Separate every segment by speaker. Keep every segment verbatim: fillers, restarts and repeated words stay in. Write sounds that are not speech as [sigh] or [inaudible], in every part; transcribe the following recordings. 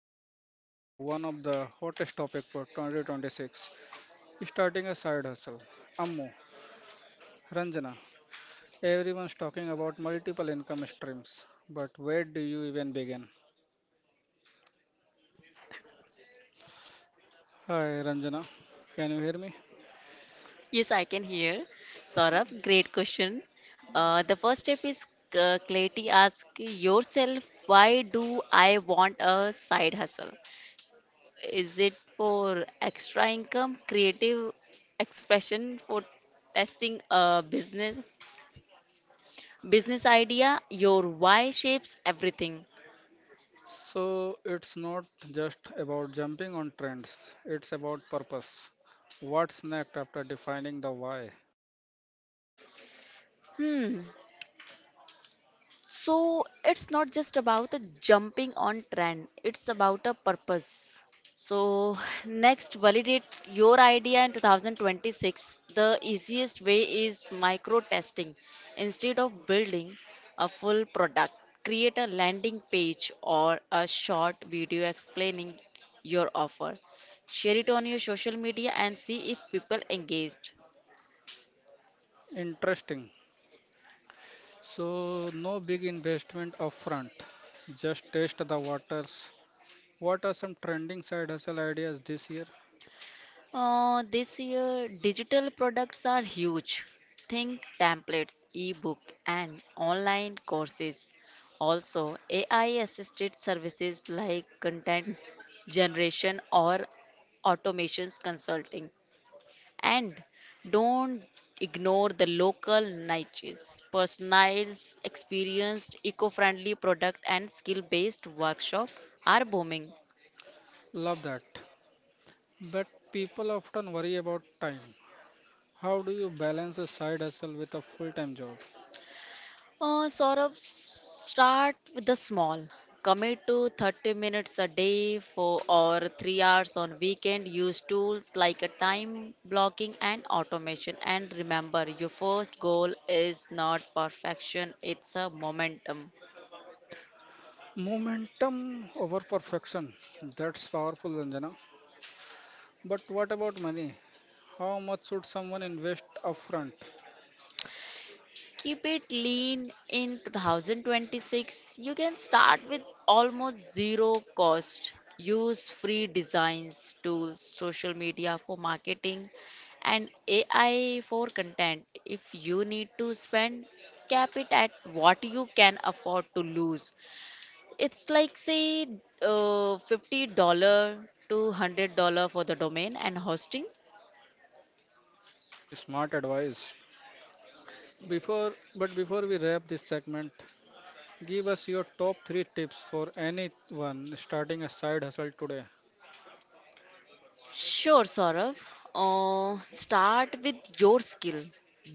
Speaker 1: we are diving into one of the hottest topics for twenty twenty-six, starting a side hustle. Ammu, Ranjana, everyone's talking about multiple income streams, but where do you even begin? Hi Ranjana, can you hear me?
Speaker 2: Yes, I can hear. Saurabh, great question. Uh, the first step is uh, clarity. Ask yourself, why do I want a side hustle? Is it for extra income, creative expression, for testing a business, business idea? Your why shapes everything.
Speaker 1: So it's not just about jumping on trends, it's about purpose. What's next after defining the why?
Speaker 2: Hmm. So it's not just about a jumping on trend, it's about a purpose. So [laughs] [sighs] next, validate your idea in twenty twenty-six. The easiest way is micro testing. Instead of building a full product, create a landing page or a short video explaining your offer. Share it on your social media and see if people engage.
Speaker 1: Interesting. So no big investment upfront. Just test the waters. What are some trending side hustle ideas this year?
Speaker 2: Uh, this year, digital products are huge. Think templates, ebook, and online courses. Also, A I assisted services like content generation or automations consulting. And don't ignore the local niches, personalized, experienced, eco friendly product and skill based workshop are booming.
Speaker 1: Love that. But people often worry about time. How do you balance a side hustle with a full time job?
Speaker 2: Uh, sort of start with the small. Commit to thirty minutes a day for or three hours on weekend. Use tools like a time blocking and automation. And remember, your first goal is not perfection, it's a momentum.
Speaker 1: Momentum over perfection. That's powerful, Ranjana. But what about money? How much should someone invest upfront?
Speaker 2: Keep it lean in twenty twenty-six. You can start with almost zero cost. Use free designs, tools, social media for marketing, and A I for content. If you need to spend, cap it at what you can afford to lose. It's like, say, uh, fifty dollars to one hundred dollars for the domain and hosting.
Speaker 1: Smart advice. Before, but before we wrap this segment, give us your top three tips for anyone starting a side hustle today.
Speaker 2: Sure, Saurav. Uh, start with your skill.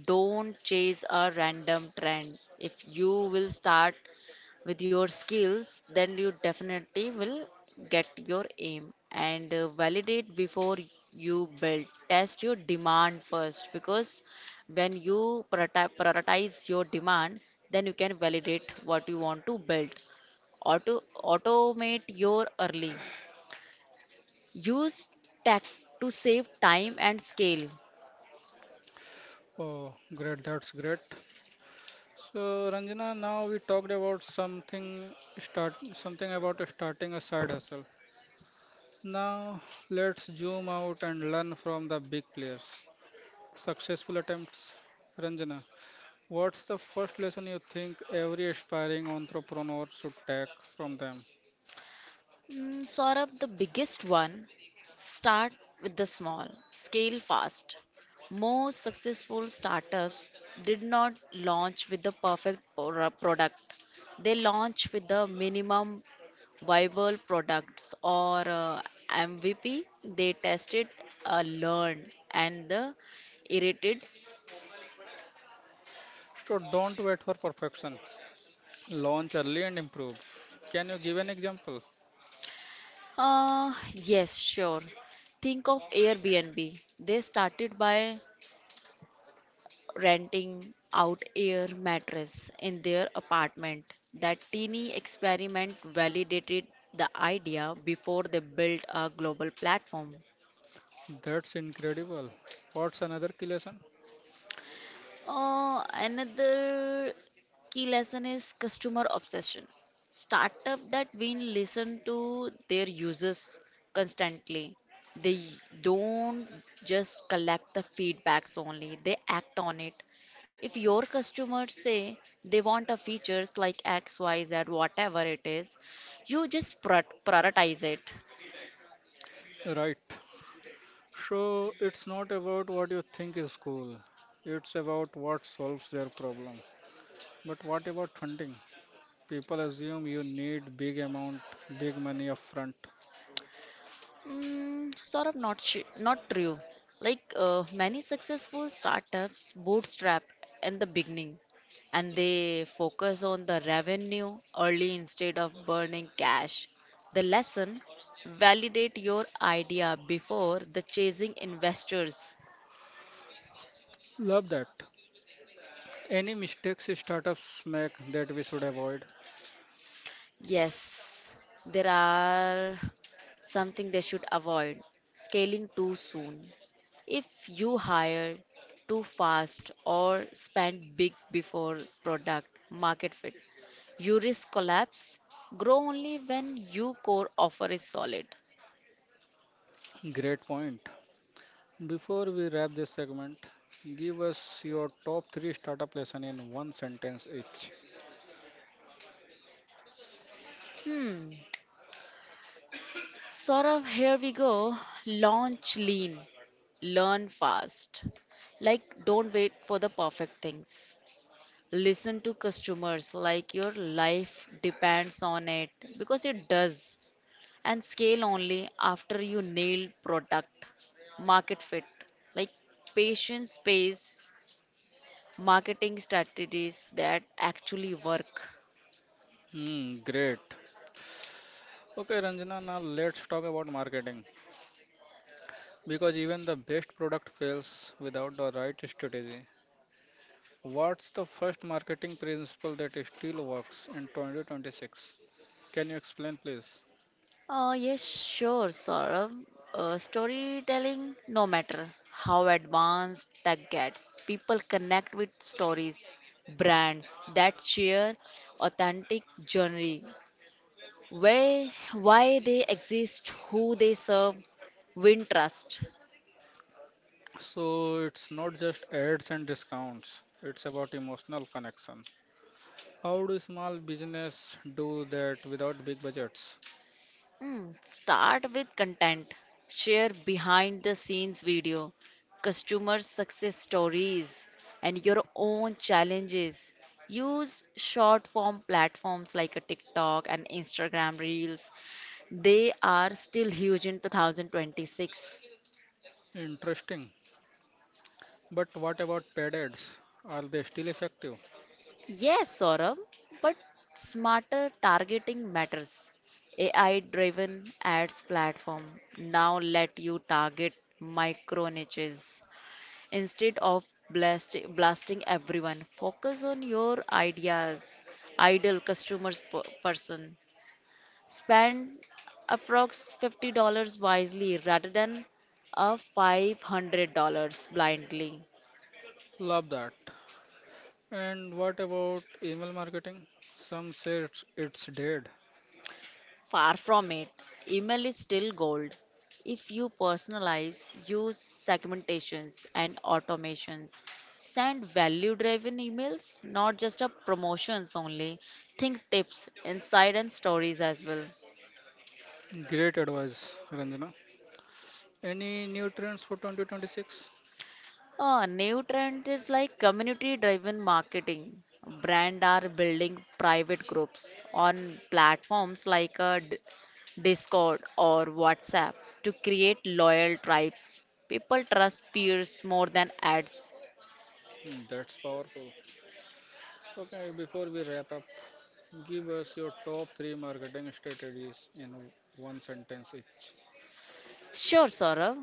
Speaker 2: Don't chase a random trend. If you will start with your skills, then you definitely will get your aim, and uh, validate before you build. Test your demand first because when you prioriti- prioritize your demand, then you can validate what you want to build. Auto automate your early. Use tech to save time and scale.
Speaker 1: Oh, great, that's great. So Ranjana, now we talked about something start something about starting a side hustle. Now let's zoom out and learn from the big players. Successful attempts. Ranjana, what's the first lesson you think every aspiring entrepreneur should take from them?
Speaker 2: Mm, Saurabh, the biggest one, start with the small, scale fast. Most successful startups did not launch with the perfect pro- product, they launched with the minimum viable products or uh, M V P. They tested, uh, learned, and the iterated.
Speaker 1: So don't wait for perfection. Launch early and improve. Can you give an example?
Speaker 2: Uh, yes, sure. Think of Airbnb. They started by renting out air mattress in their apartment. That teeny experiment validated the idea before they built a global platform.
Speaker 1: That's incredible. What's another key lesson?
Speaker 2: Uh, another key lesson is customer obsession. Startup that will listen to their users constantly. They don't just collect the feedbacks only, they act on it. If your customers say they want a features like X, Y, Z, whatever it is, you just pro- prioritize it.
Speaker 1: Right. So it's not about what you think is cool. It's about what solves their problem. But what about funding? People assume you need big amount, big money upfront.
Speaker 2: Mm, sort of not sh- not true. Like uh, many successful startups bootstrap in the beginning and they focus on the revenue early instead of burning cash. The lesson, validate your idea before the chasing investors.
Speaker 1: Love that. Any mistakes startups make that we should avoid?
Speaker 2: Yes, there are something they should avoid, scaling too soon. If you hire too fast or spend big before product market fit, you risk collapse. Grow only when your core offer is solid.
Speaker 1: Great point. Before we wrap this segment, give us your top three startup lesson in one sentence each.
Speaker 2: Hmm, Saurav, here we go. Launch lean, learn fast. Like, don't wait for the perfect things. Listen to customers like your life depends on it because it does. And scale only after you nail product, market fit, like patience based marketing strategies that actually work.
Speaker 1: Hmm, great. Okay, Ranjana, now let's talk about marketing. Because even the best product fails without the right strategy. What's the first marketing principle that still works in twenty twenty-six? Can you explain, please?
Speaker 2: Uh, yes, sure, Saurabh. Uh, storytelling, no matter how advanced tech gets, people connect with stories, brands that share authentic journey where, why they exist, who they serve, win trust.
Speaker 1: So, it's not just ads and discounts, it's about emotional connection. How do small business do that without big budgets?
Speaker 2: Hmm, start with content. Share behind the scenes video, customer success stories, and your own challenges. Use short form platforms like a TikTok and Instagram Reels. They are still huge in twenty twenty-six.
Speaker 1: Interesting. But what about paid ads? Are they still effective?
Speaker 2: Yes, Saurabh, but smarter targeting matters. A I driven ads platform now let you target micro niches instead of blast- blasting everyone. Focus on your ideas. Ideal customers per- person. Spend approx fifty dollars wisely rather than a five hundred dollars blindly.
Speaker 1: Love that. And what about email marketing? Some say it's, it's dead.
Speaker 2: Far from it, email is still gold. If you personalize, use segmentations and automations, send value driven emails, not just a promotions only. Think tips, insight, and stories as well.
Speaker 1: Great advice, Ranjana. Any new trends for twenty twenty-six?
Speaker 2: Uh, new trend is like community driven marketing. Brand are building private groups on platforms like uh, D- Discord or WhatsApp to create loyal tribes. People trust peers more than ads.
Speaker 1: Hmm, that's powerful. Okay, before we wrap up, give us your top three marketing strategies in one sentence each.
Speaker 2: Sure, Saurav.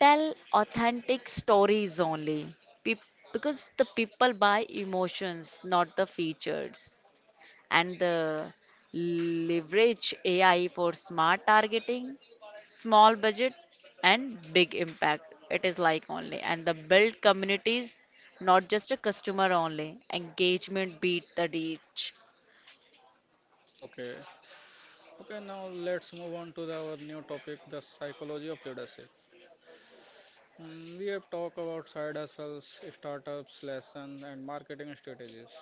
Speaker 2: Tell authentic stories only. Peop Because the people buy emotions, not the features. And the leverage A I for smart targeting, small budget, and big impact. It is like only, and the build communities, not just a customer only. Engagement beat the reach.
Speaker 1: Okay. Okay, now let's move on to the- our new topic, the psychology of leadership. Hmm, we have talked about side hustles, startups, lessons, and marketing strategies.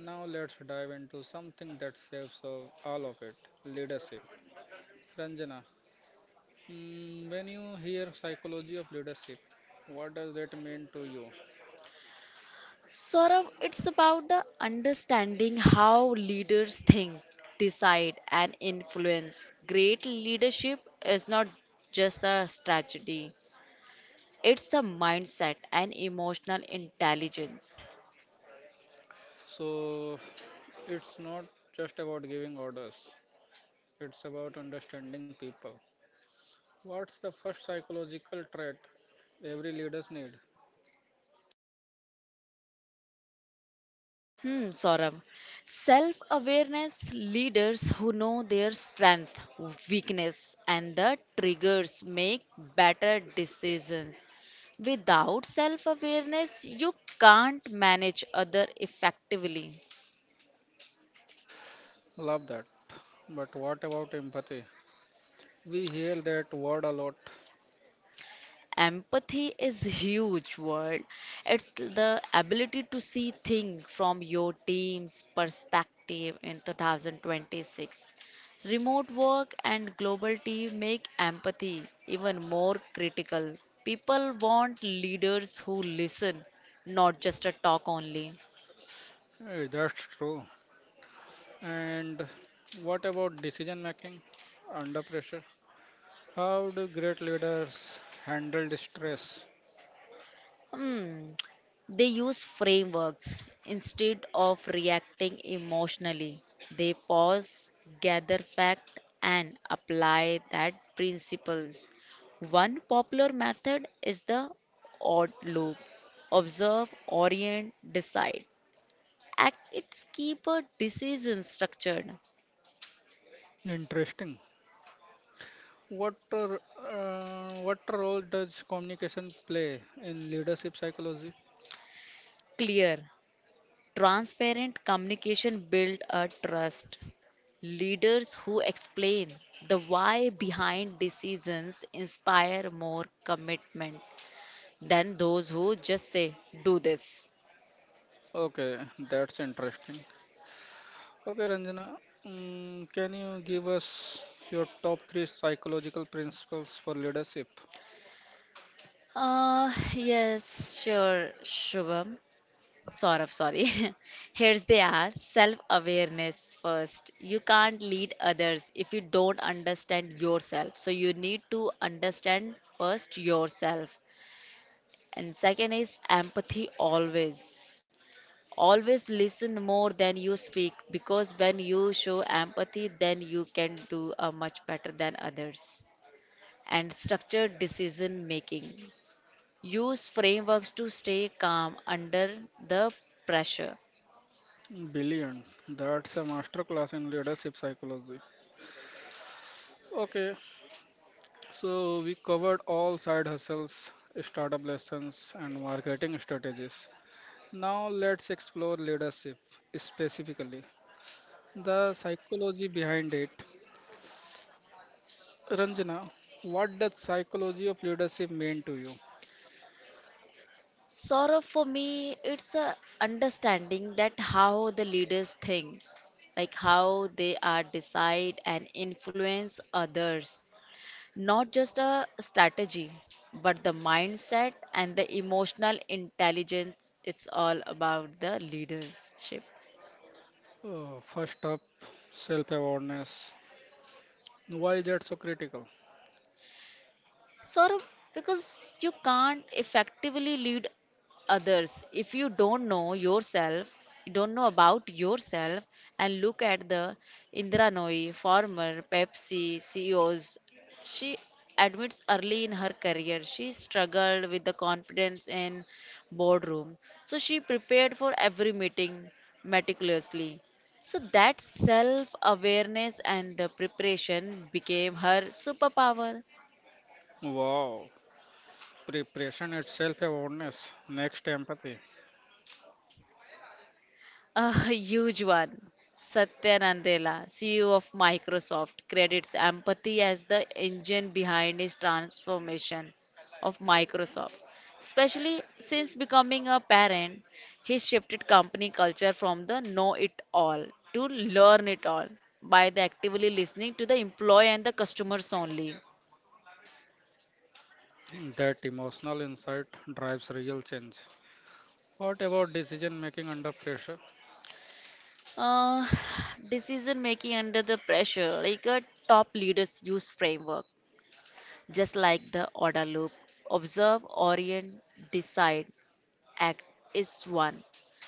Speaker 1: Now let's dive into something that saves of all of it, leadership. Ranjana, Mm, when you hear psychology of leadership, what does that mean to you?
Speaker 2: Sort it's about the understanding how leaders think, decide, and influence. Great leadership is not just a strategy, it's a mindset and emotional intelligence.
Speaker 1: So, it's not just about giving orders, it's about understanding people. What's the first psychological trait every leaders need?
Speaker 2: Hmm, Saurabh. Self awareness leaders who know their strength, weakness, and the triggers make better decisions. Without self awareness, you can't manage other effectively.
Speaker 1: Love that. But what about empathy? We hear that word a lot.
Speaker 2: Empathy is huge word. It's the ability to see things from your team's perspective in twenty twenty-six. Remote work and global team make empathy even more critical. People want leaders who listen, not just a talk only.
Speaker 1: Eh, that's true. And what about decision making under pressure? How do great leaders handle the stress?
Speaker 2: Hmm. They use frameworks instead of reacting emotionally. They pause, gather fact, and apply that principles. One popular method is the odd loop. Observe, orient, decide. Act it's keep a decision structured,
Speaker 1: Interesting. What r- uh, what role does communication play in leadership psychology?
Speaker 2: clear, transparent communication build a trust. Leaders who explain the why behind decisions inspire more commitment than those who just say, do this.
Speaker 1: Okay, that's interesting. Okay, Ranjana, mm, can you give us your top three psychological principles for leadership?
Speaker 2: Uh, yes, sure, Shubham. Sort sorry. [laughs] Here's they are self awareness first. You can't lead others if you don't understand yourself. So, you need to understand first yourself. And second is empathy always. Always listen more than you speak because when you show empathy, then you can do a much better than others. And structured decision making. Use frameworks to stay calm under the pressure.
Speaker 1: Brilliant. That's a master class in leadership psychology. Okay, so we covered all side hustles, startup lessons, and marketing strategies. Now let's explore leadership specifically. The psychology behind it. Ranjana, what does psychology of leadership mean to you?
Speaker 2: Sort for me, it's a understanding that how the leaders think, like how they are decide and influence others. Not just a strategy, but the mindset and the emotional intelligence. It's all about the leadership.
Speaker 1: Uh, first up, self-awareness. Why is that so critical?
Speaker 2: Saurabh, because you can't effectively lead others if you don't know yourself, you don't know about yourself, and look at the Indira Nooyi, former Pepsi C E Os. She admits early in her career she struggled with the confidence in boardroom, so she prepared for every meeting meticulously. So that self awareness and the preparation became her superpower.
Speaker 1: Wow, preparation at self-awareness. Next, empathy.
Speaker 2: A huge one. Satya Nadella, C E O of Microsoft, credits empathy as the engine behind his transformation of Microsoft. Especially since becoming a parent, he shifted company culture from the know it all to learn it all by the actively listening to the employee and the customers only.
Speaker 1: That emotional insight drives real change. What about decision making under pressure?
Speaker 2: Uh, [sighs] decision making under the pressure, like a top leader's use framework. Just like the order loop, observe, orient, decide, act is one.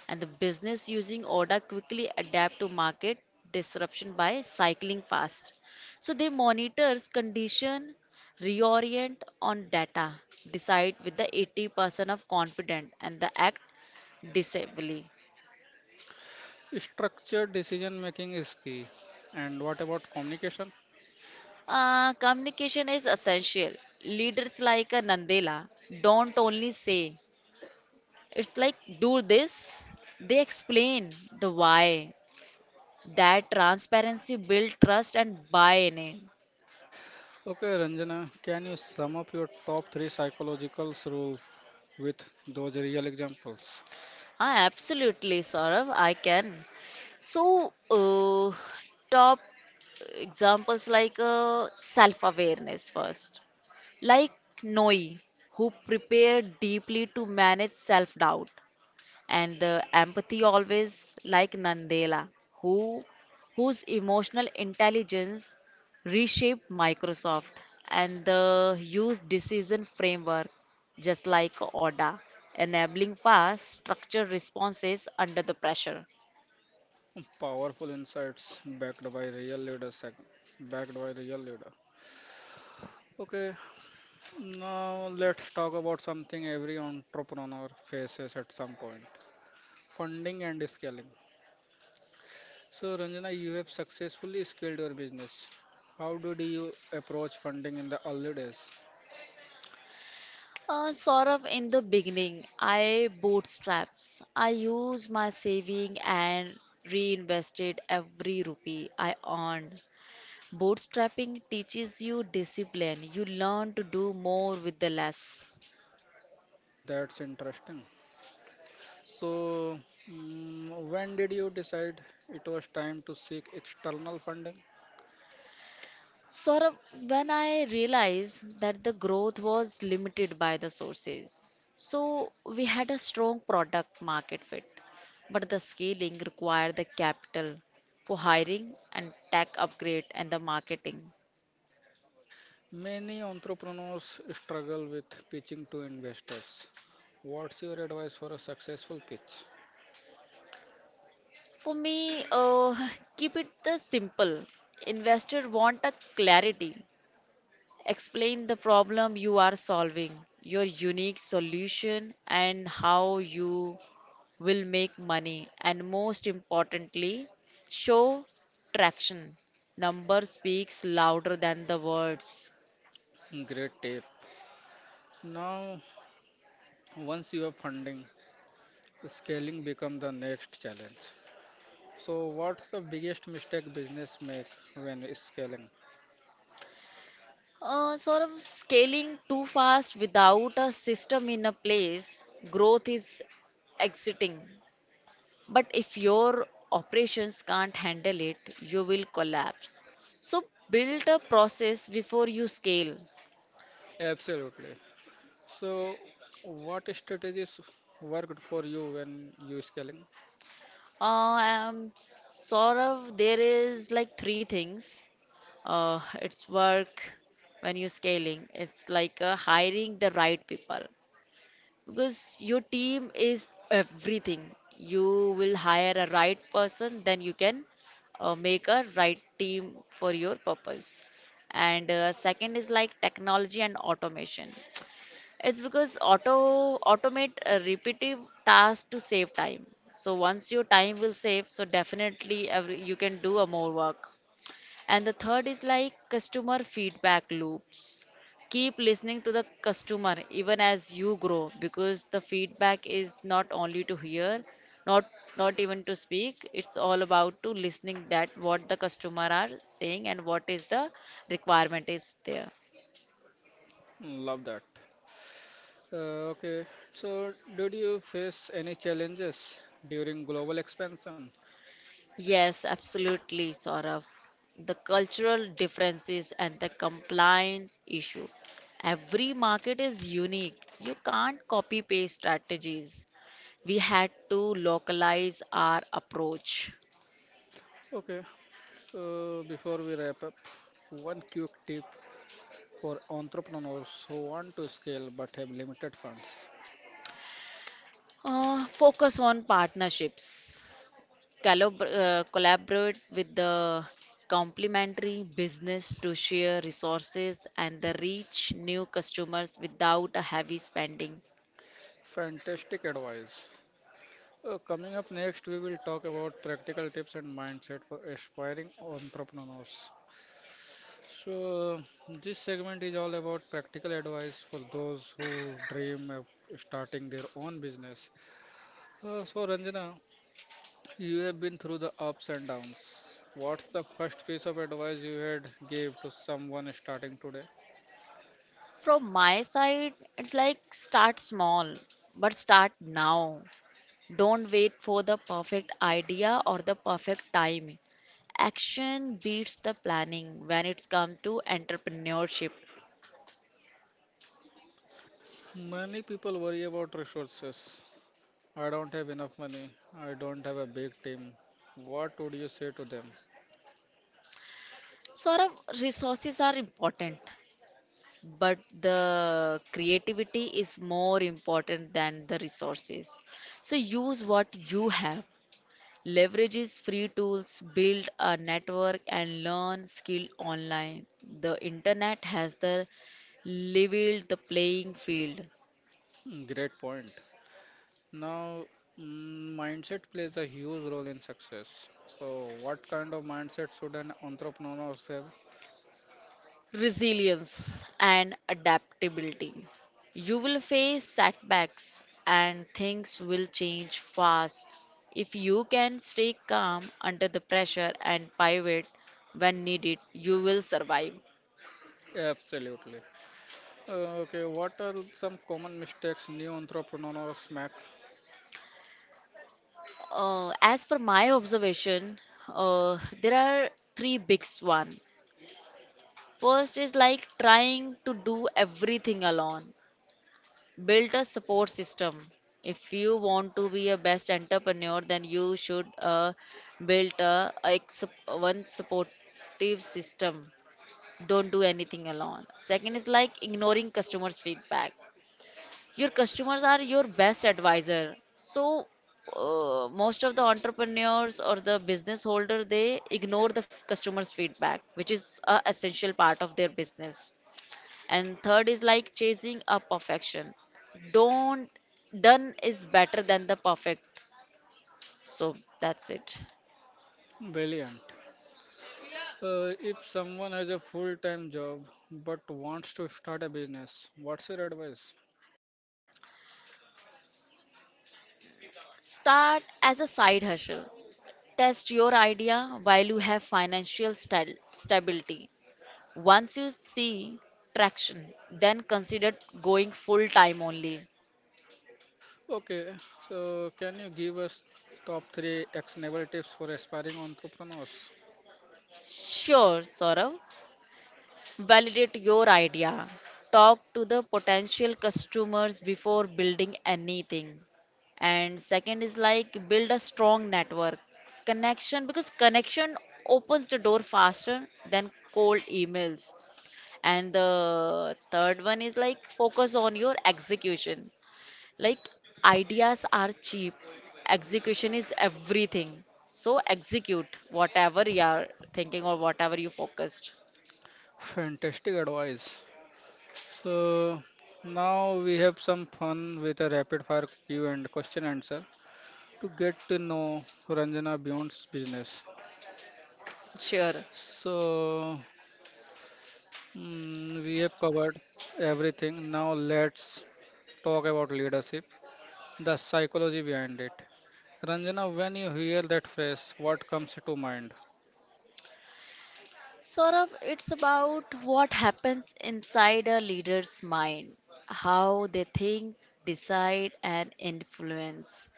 Speaker 2: And the business using order quickly adapt to market disruption by cycling fast. So they monitors condition, reorient on data, decide with the eighty percent of confident and the act disably.
Speaker 1: Structured decision making is key. And what about communication?
Speaker 2: Uh, communication is essential. Leaders like a Nandela don't only say, it's like, do this. They explain the why. That transparency build trust and buy in.
Speaker 1: Okay, Ranjana, can you sum up your top three psychological rules with those real examples.
Speaker 2: Ah, absolutely, Saurav, I can. So, uh, top examples like uh, self awareness first. Like Noi, who prepared deeply to manage self doubt. And the empathy always like Nandela, who whose emotional intelligence reshaped Microsoft and the used decision framework just like Oda, enabling fast structured responses under the pressure.
Speaker 1: Powerful insights backed by real leaders. sec- Backed by real leader. Okay, now let's talk about something every entrepreneur faces at some point, funding and scaling. So, Ranjana, you have successfully scaled your business. How did you approach funding in the early days?
Speaker 2: Uh, sort of in the beginning, I bootstraps. I used my saving and reinvested every rupee I earned. Bootstrapping teaches you discipline. You learn to do more with the less.
Speaker 1: That's interesting. So, mm, when did you decide it was time to seek external funding?
Speaker 2: Saurabh, when I realized that the growth was limited by the sources, so we had a strong product market fit, but the scaling required the capital for hiring and tech upgrade and the marketing.
Speaker 1: Many entrepreneurs struggle with pitching to investors. What's your advice for a successful pitch?
Speaker 2: For me, uh, [laughs] keep it the simple. Investor want a clarity. Explain the problem you are solving, your unique solution, and how you will make money. And most importantly, show traction. Number speaks louder than the words.
Speaker 1: Great tip. Now, once you have funding, scaling becomes the next challenge. So, what's the biggest mistake business make when scaling?
Speaker 2: Uh, sort of scaling too fast without a system in a place, growth is exiting. But if your operations can't handle it, you will collapse. So build a process before you scale.
Speaker 1: Absolutely. So, what strategies worked for you when you scaling?
Speaker 2: Uh, um, sort of, there is like three things. Uh, it's work when you're scaling. It's like uh, hiring the right people because your team is everything. You will hire a right person, then you can uh, make a right team for your purpose. And uh, second is like technology and automation. It's because auto automate a repetitive task to save time. So once your time will save, so definitely every, you can do a more work. And the third is like customer feedback loops. Keep listening to the customer even as you grow because the feedback is not only to hear, not not even to speak. It's all about to listening that what the customer are saying and what is the requirement is there.
Speaker 1: Love that. Uh, okay. So, did you face any challenges during global expansion?
Speaker 2: Yes, absolutely, Saurav. The cultural differences and the compliance issue. Every market is unique. You can't copy paste strategies. We had to localize our approach.
Speaker 1: Okay. So, before we wrap up, one quick tip for entrepreneurs who want to scale but have limited funds.
Speaker 2: Uh, focus on partnerships. Collab- uh, collaborate with the complementary business to share resources and the reach new customers without a heavy spending.
Speaker 1: Fantastic advice. Uh, coming up next, we will talk about practical tips and mindset for aspiring entrepreneurs. So, this segment is all about practical advice for those who dream of starting their own business. Uh, so, Ranjana, you have been through the ups and downs. What's the first piece of advice you had gave to someone starting today?
Speaker 2: From my side, it's like start small, but start now. Don't wait for the perfect idea or the perfect time. Action beats the planning when it's come to entrepreneurship.
Speaker 1: Many people worry about resources. I don't have enough money. I don't have a big team. What would you say to them?
Speaker 2: Sort of resources are important, but the creativity is more important than the resources. So use what you have. Leverages free tools, build a network, and learn skill online. The internet has the leveled the playing field.
Speaker 1: Hmm, great point. Now, mm, mindset plays a huge role in success. So, what kind of mindset should an entrepreneur have?
Speaker 2: Resilience and adaptability. You will face setbacks and things will change fast. If you can stay calm under the pressure and pivot when needed, you will survive.
Speaker 1: Absolutely. Uh, okay, what are some common mistakes new entrepreneurs make?
Speaker 2: Uh, as per my observation, uh, there are three big ones. First is like trying to do everything alone. Build a support system. If you want to be a best entrepreneur, then you should uh, build a, a ex- one supportive system. Don't do anything alone. Second is like ignoring customers' feedback. Your customers are your best advisor. So uh, most of the entrepreneurs or the business holder they ignore the f- customers feedback which is a essential part of their business and third is like chasing a perfection. Don't, done is better than the perfect. So that's it.
Speaker 1: Brilliant. Uh, if someone has a full-time job but wants to start a business, what's your advice?
Speaker 2: Start as a side hustle, test your idea while you have financial stal- stability. Once you see traction, then consider going full time only.
Speaker 1: Okay, so can you give us top three actionable tips for aspiring entrepreneurs?
Speaker 2: Sure, Saurav. Validate your idea. Talk to the potential customers before building anything. And second is like build a strong network. Connection, because connection opens the door faster than cold emails. And the third one is like focus on your execution. Like ideas are cheap, execution is everything. So execute whatever you are thinking or whatever you focused.
Speaker 1: Fantastic advice. So now we have some fun with a rapid fire Q and question answer to get to know Ranjana Beyond's business.
Speaker 2: Sure.
Speaker 1: So mm, we have covered everything. Now let's talk about leadership. The psychology behind it. Ranjana, when you hear that phrase, what comes to mind?
Speaker 2: Saurav, it's about what happens inside a leader's mind, how they think, decide, and influence.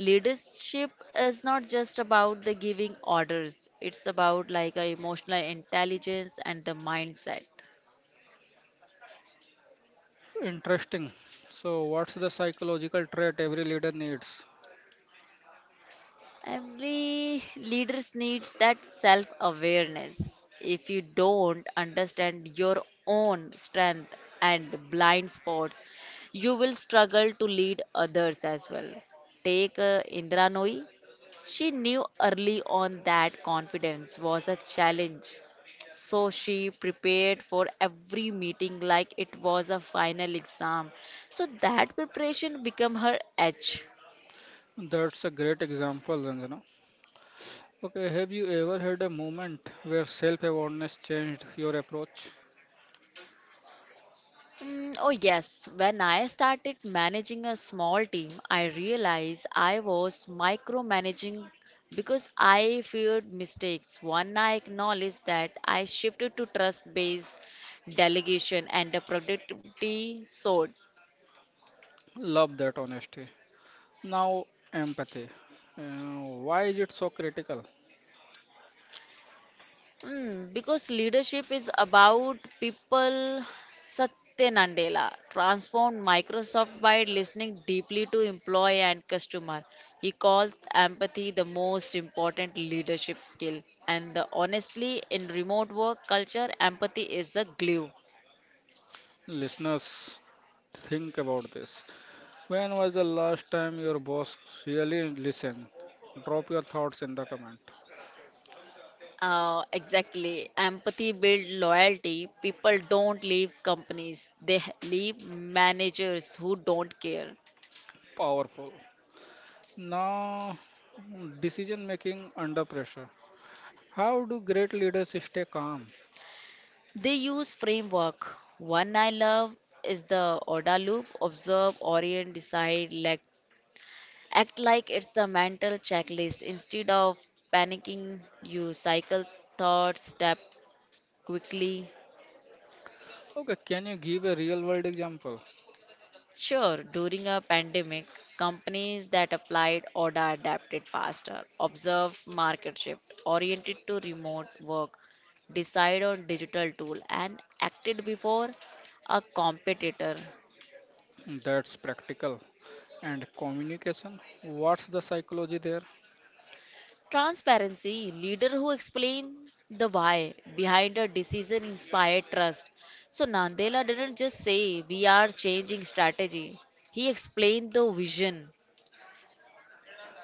Speaker 2: Leadership is not just about the giving orders, it's about like a emotional intelligence and the mindset.
Speaker 1: Interesting. So, what's the psychological trait every leader needs?
Speaker 2: Every leaders needs that self-awareness. If you don't understand your own strength and blind spots, you will struggle to lead others as well. Take uh, Indra Nooyi. She knew early on that confidence was a challenge. So she prepared for every meeting like it was a final exam. So that preparation became her edge.
Speaker 1: That's a great example, Ranjana. Okay, have you ever had a moment where self awareness changed your approach?
Speaker 2: Mm, oh, yes. When I started managing a small team, I realized I was micromanaging because I feared mistakes. One, I acknowledged that I shifted to trust based delegation and a productivity sort.
Speaker 1: Love that honesty. Now, empathy. Uh, why is it so critical?
Speaker 2: Mm, because leadership is about people. Satya Nadella transformed Microsoft by listening deeply to employee and customer. He calls empathy the most important leadership skill. And the, honestly, in remote work culture, empathy is the glue.
Speaker 1: Listeners, think about this. When was the last time your boss really listened? Drop your thoughts in the comment.
Speaker 2: Uh, exactly. Empathy builds loyalty. People don't leave companies, they h- leave managers who don't care.
Speaker 1: Powerful. Now, decision making under pressure. How do great leaders stay calm?
Speaker 2: They use framework. One I love is the O D A loop, observe, orient, decide, like act like it's the mental checklist. Instead of panicking, you cycle thoughts, step quickly.
Speaker 1: Okay, can you give a real world example
Speaker 2: Sure, during a pandemic, companies that applied O D A adapted faster. Observe market shift, oriented to remote work, decide on digital tool, and acted before a competitor.
Speaker 1: that's practical? And communication, what's the psychology there?
Speaker 2: Transparency, leader who explain the why behind a decision inspired trust. So Nandela didn't just say we are changing strategy. He explained the vision.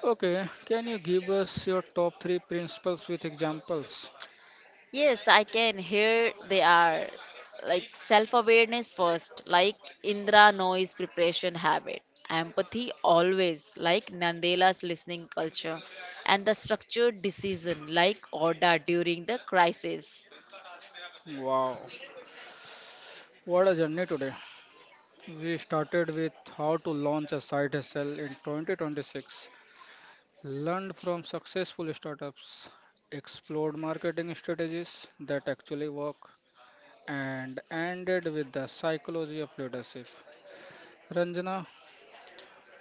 Speaker 1: Okay, can you give us your top three principles with examples?
Speaker 2: Yes, I can. Here they are. Like self awareness first, like Indra noise preparation habit. Empathy always, like Nandela's listening culture. And the structured decision, like Oda during the crisis.
Speaker 1: Wow, what a journey today! We started with how to launch a side hustle in twenty twenty-six. Learned from successful startups, explored marketing strategies that actually work, and ended with the psychology of leadership. Ranjana,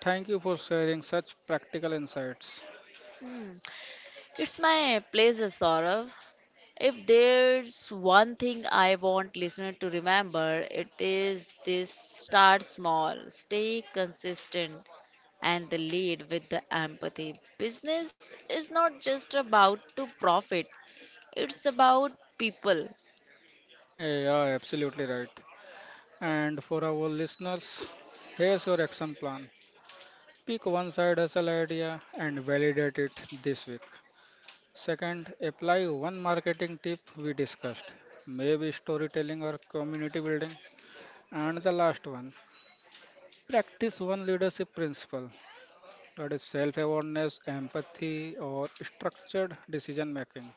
Speaker 1: thank you for sharing such practical insights.
Speaker 2: It's my pleasure, Saurav. If there's one thing I want listener to remember, it is this start small, stay consistent and the lead with the empathy. Business is not just about to profit, it's about people.
Speaker 1: Eh, yeah, absolutely right. And for our listeners, here's your action plan. Pick one side hustle idea and validate it this week. Second, apply one marketing tip we discussed, maybe storytelling or community building. And the last one, practice one leadership principle, that is self awareness, empathy, or structured decision making.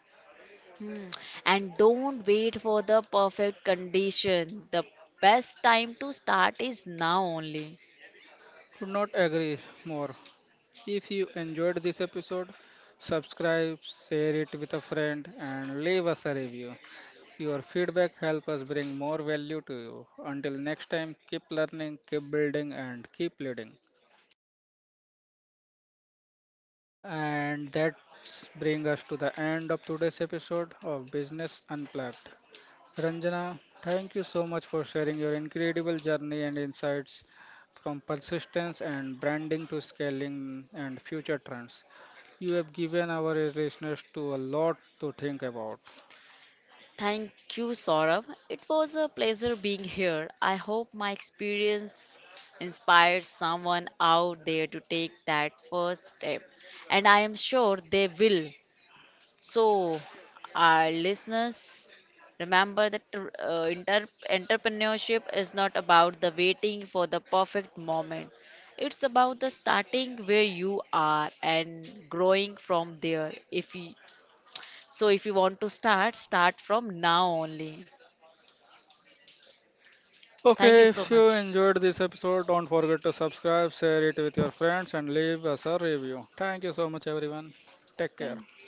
Speaker 2: Hmm. And don't wait for the perfect condition. The best time to start is now only.
Speaker 1: Could not agree more. If you enjoyed this episode, subscribe, share it with a friend, and leave us a review. Your feedback helps us bring more value to you. Until next time, keep learning, keep building, and keep leading. And that brings us to the end of today's episode of Business Unplugged. Ranjana, thank you so much for sharing your incredible journey and insights from persistence and branding to scaling and future trends. You have given our listeners to a lot to think about.
Speaker 2: Thank you, Saurav. It was a pleasure being here. I hope my experience inspires someone out there to take that first step, and I am sure they will. So, our listeners, remember that uh, inter- entrepreneurship is not about the waiting for the perfect moment. It's about the starting where you are and growing from there. If you, so, if you want to start, start from now only. Thank you
Speaker 1: Okay,
Speaker 2: so
Speaker 1: if you
Speaker 2: much.
Speaker 1: enjoyed this episode, don't forget to subscribe, share it with your friends, and leave us a review. Thank you so much, everyone. Take care.
Speaker 2: Thank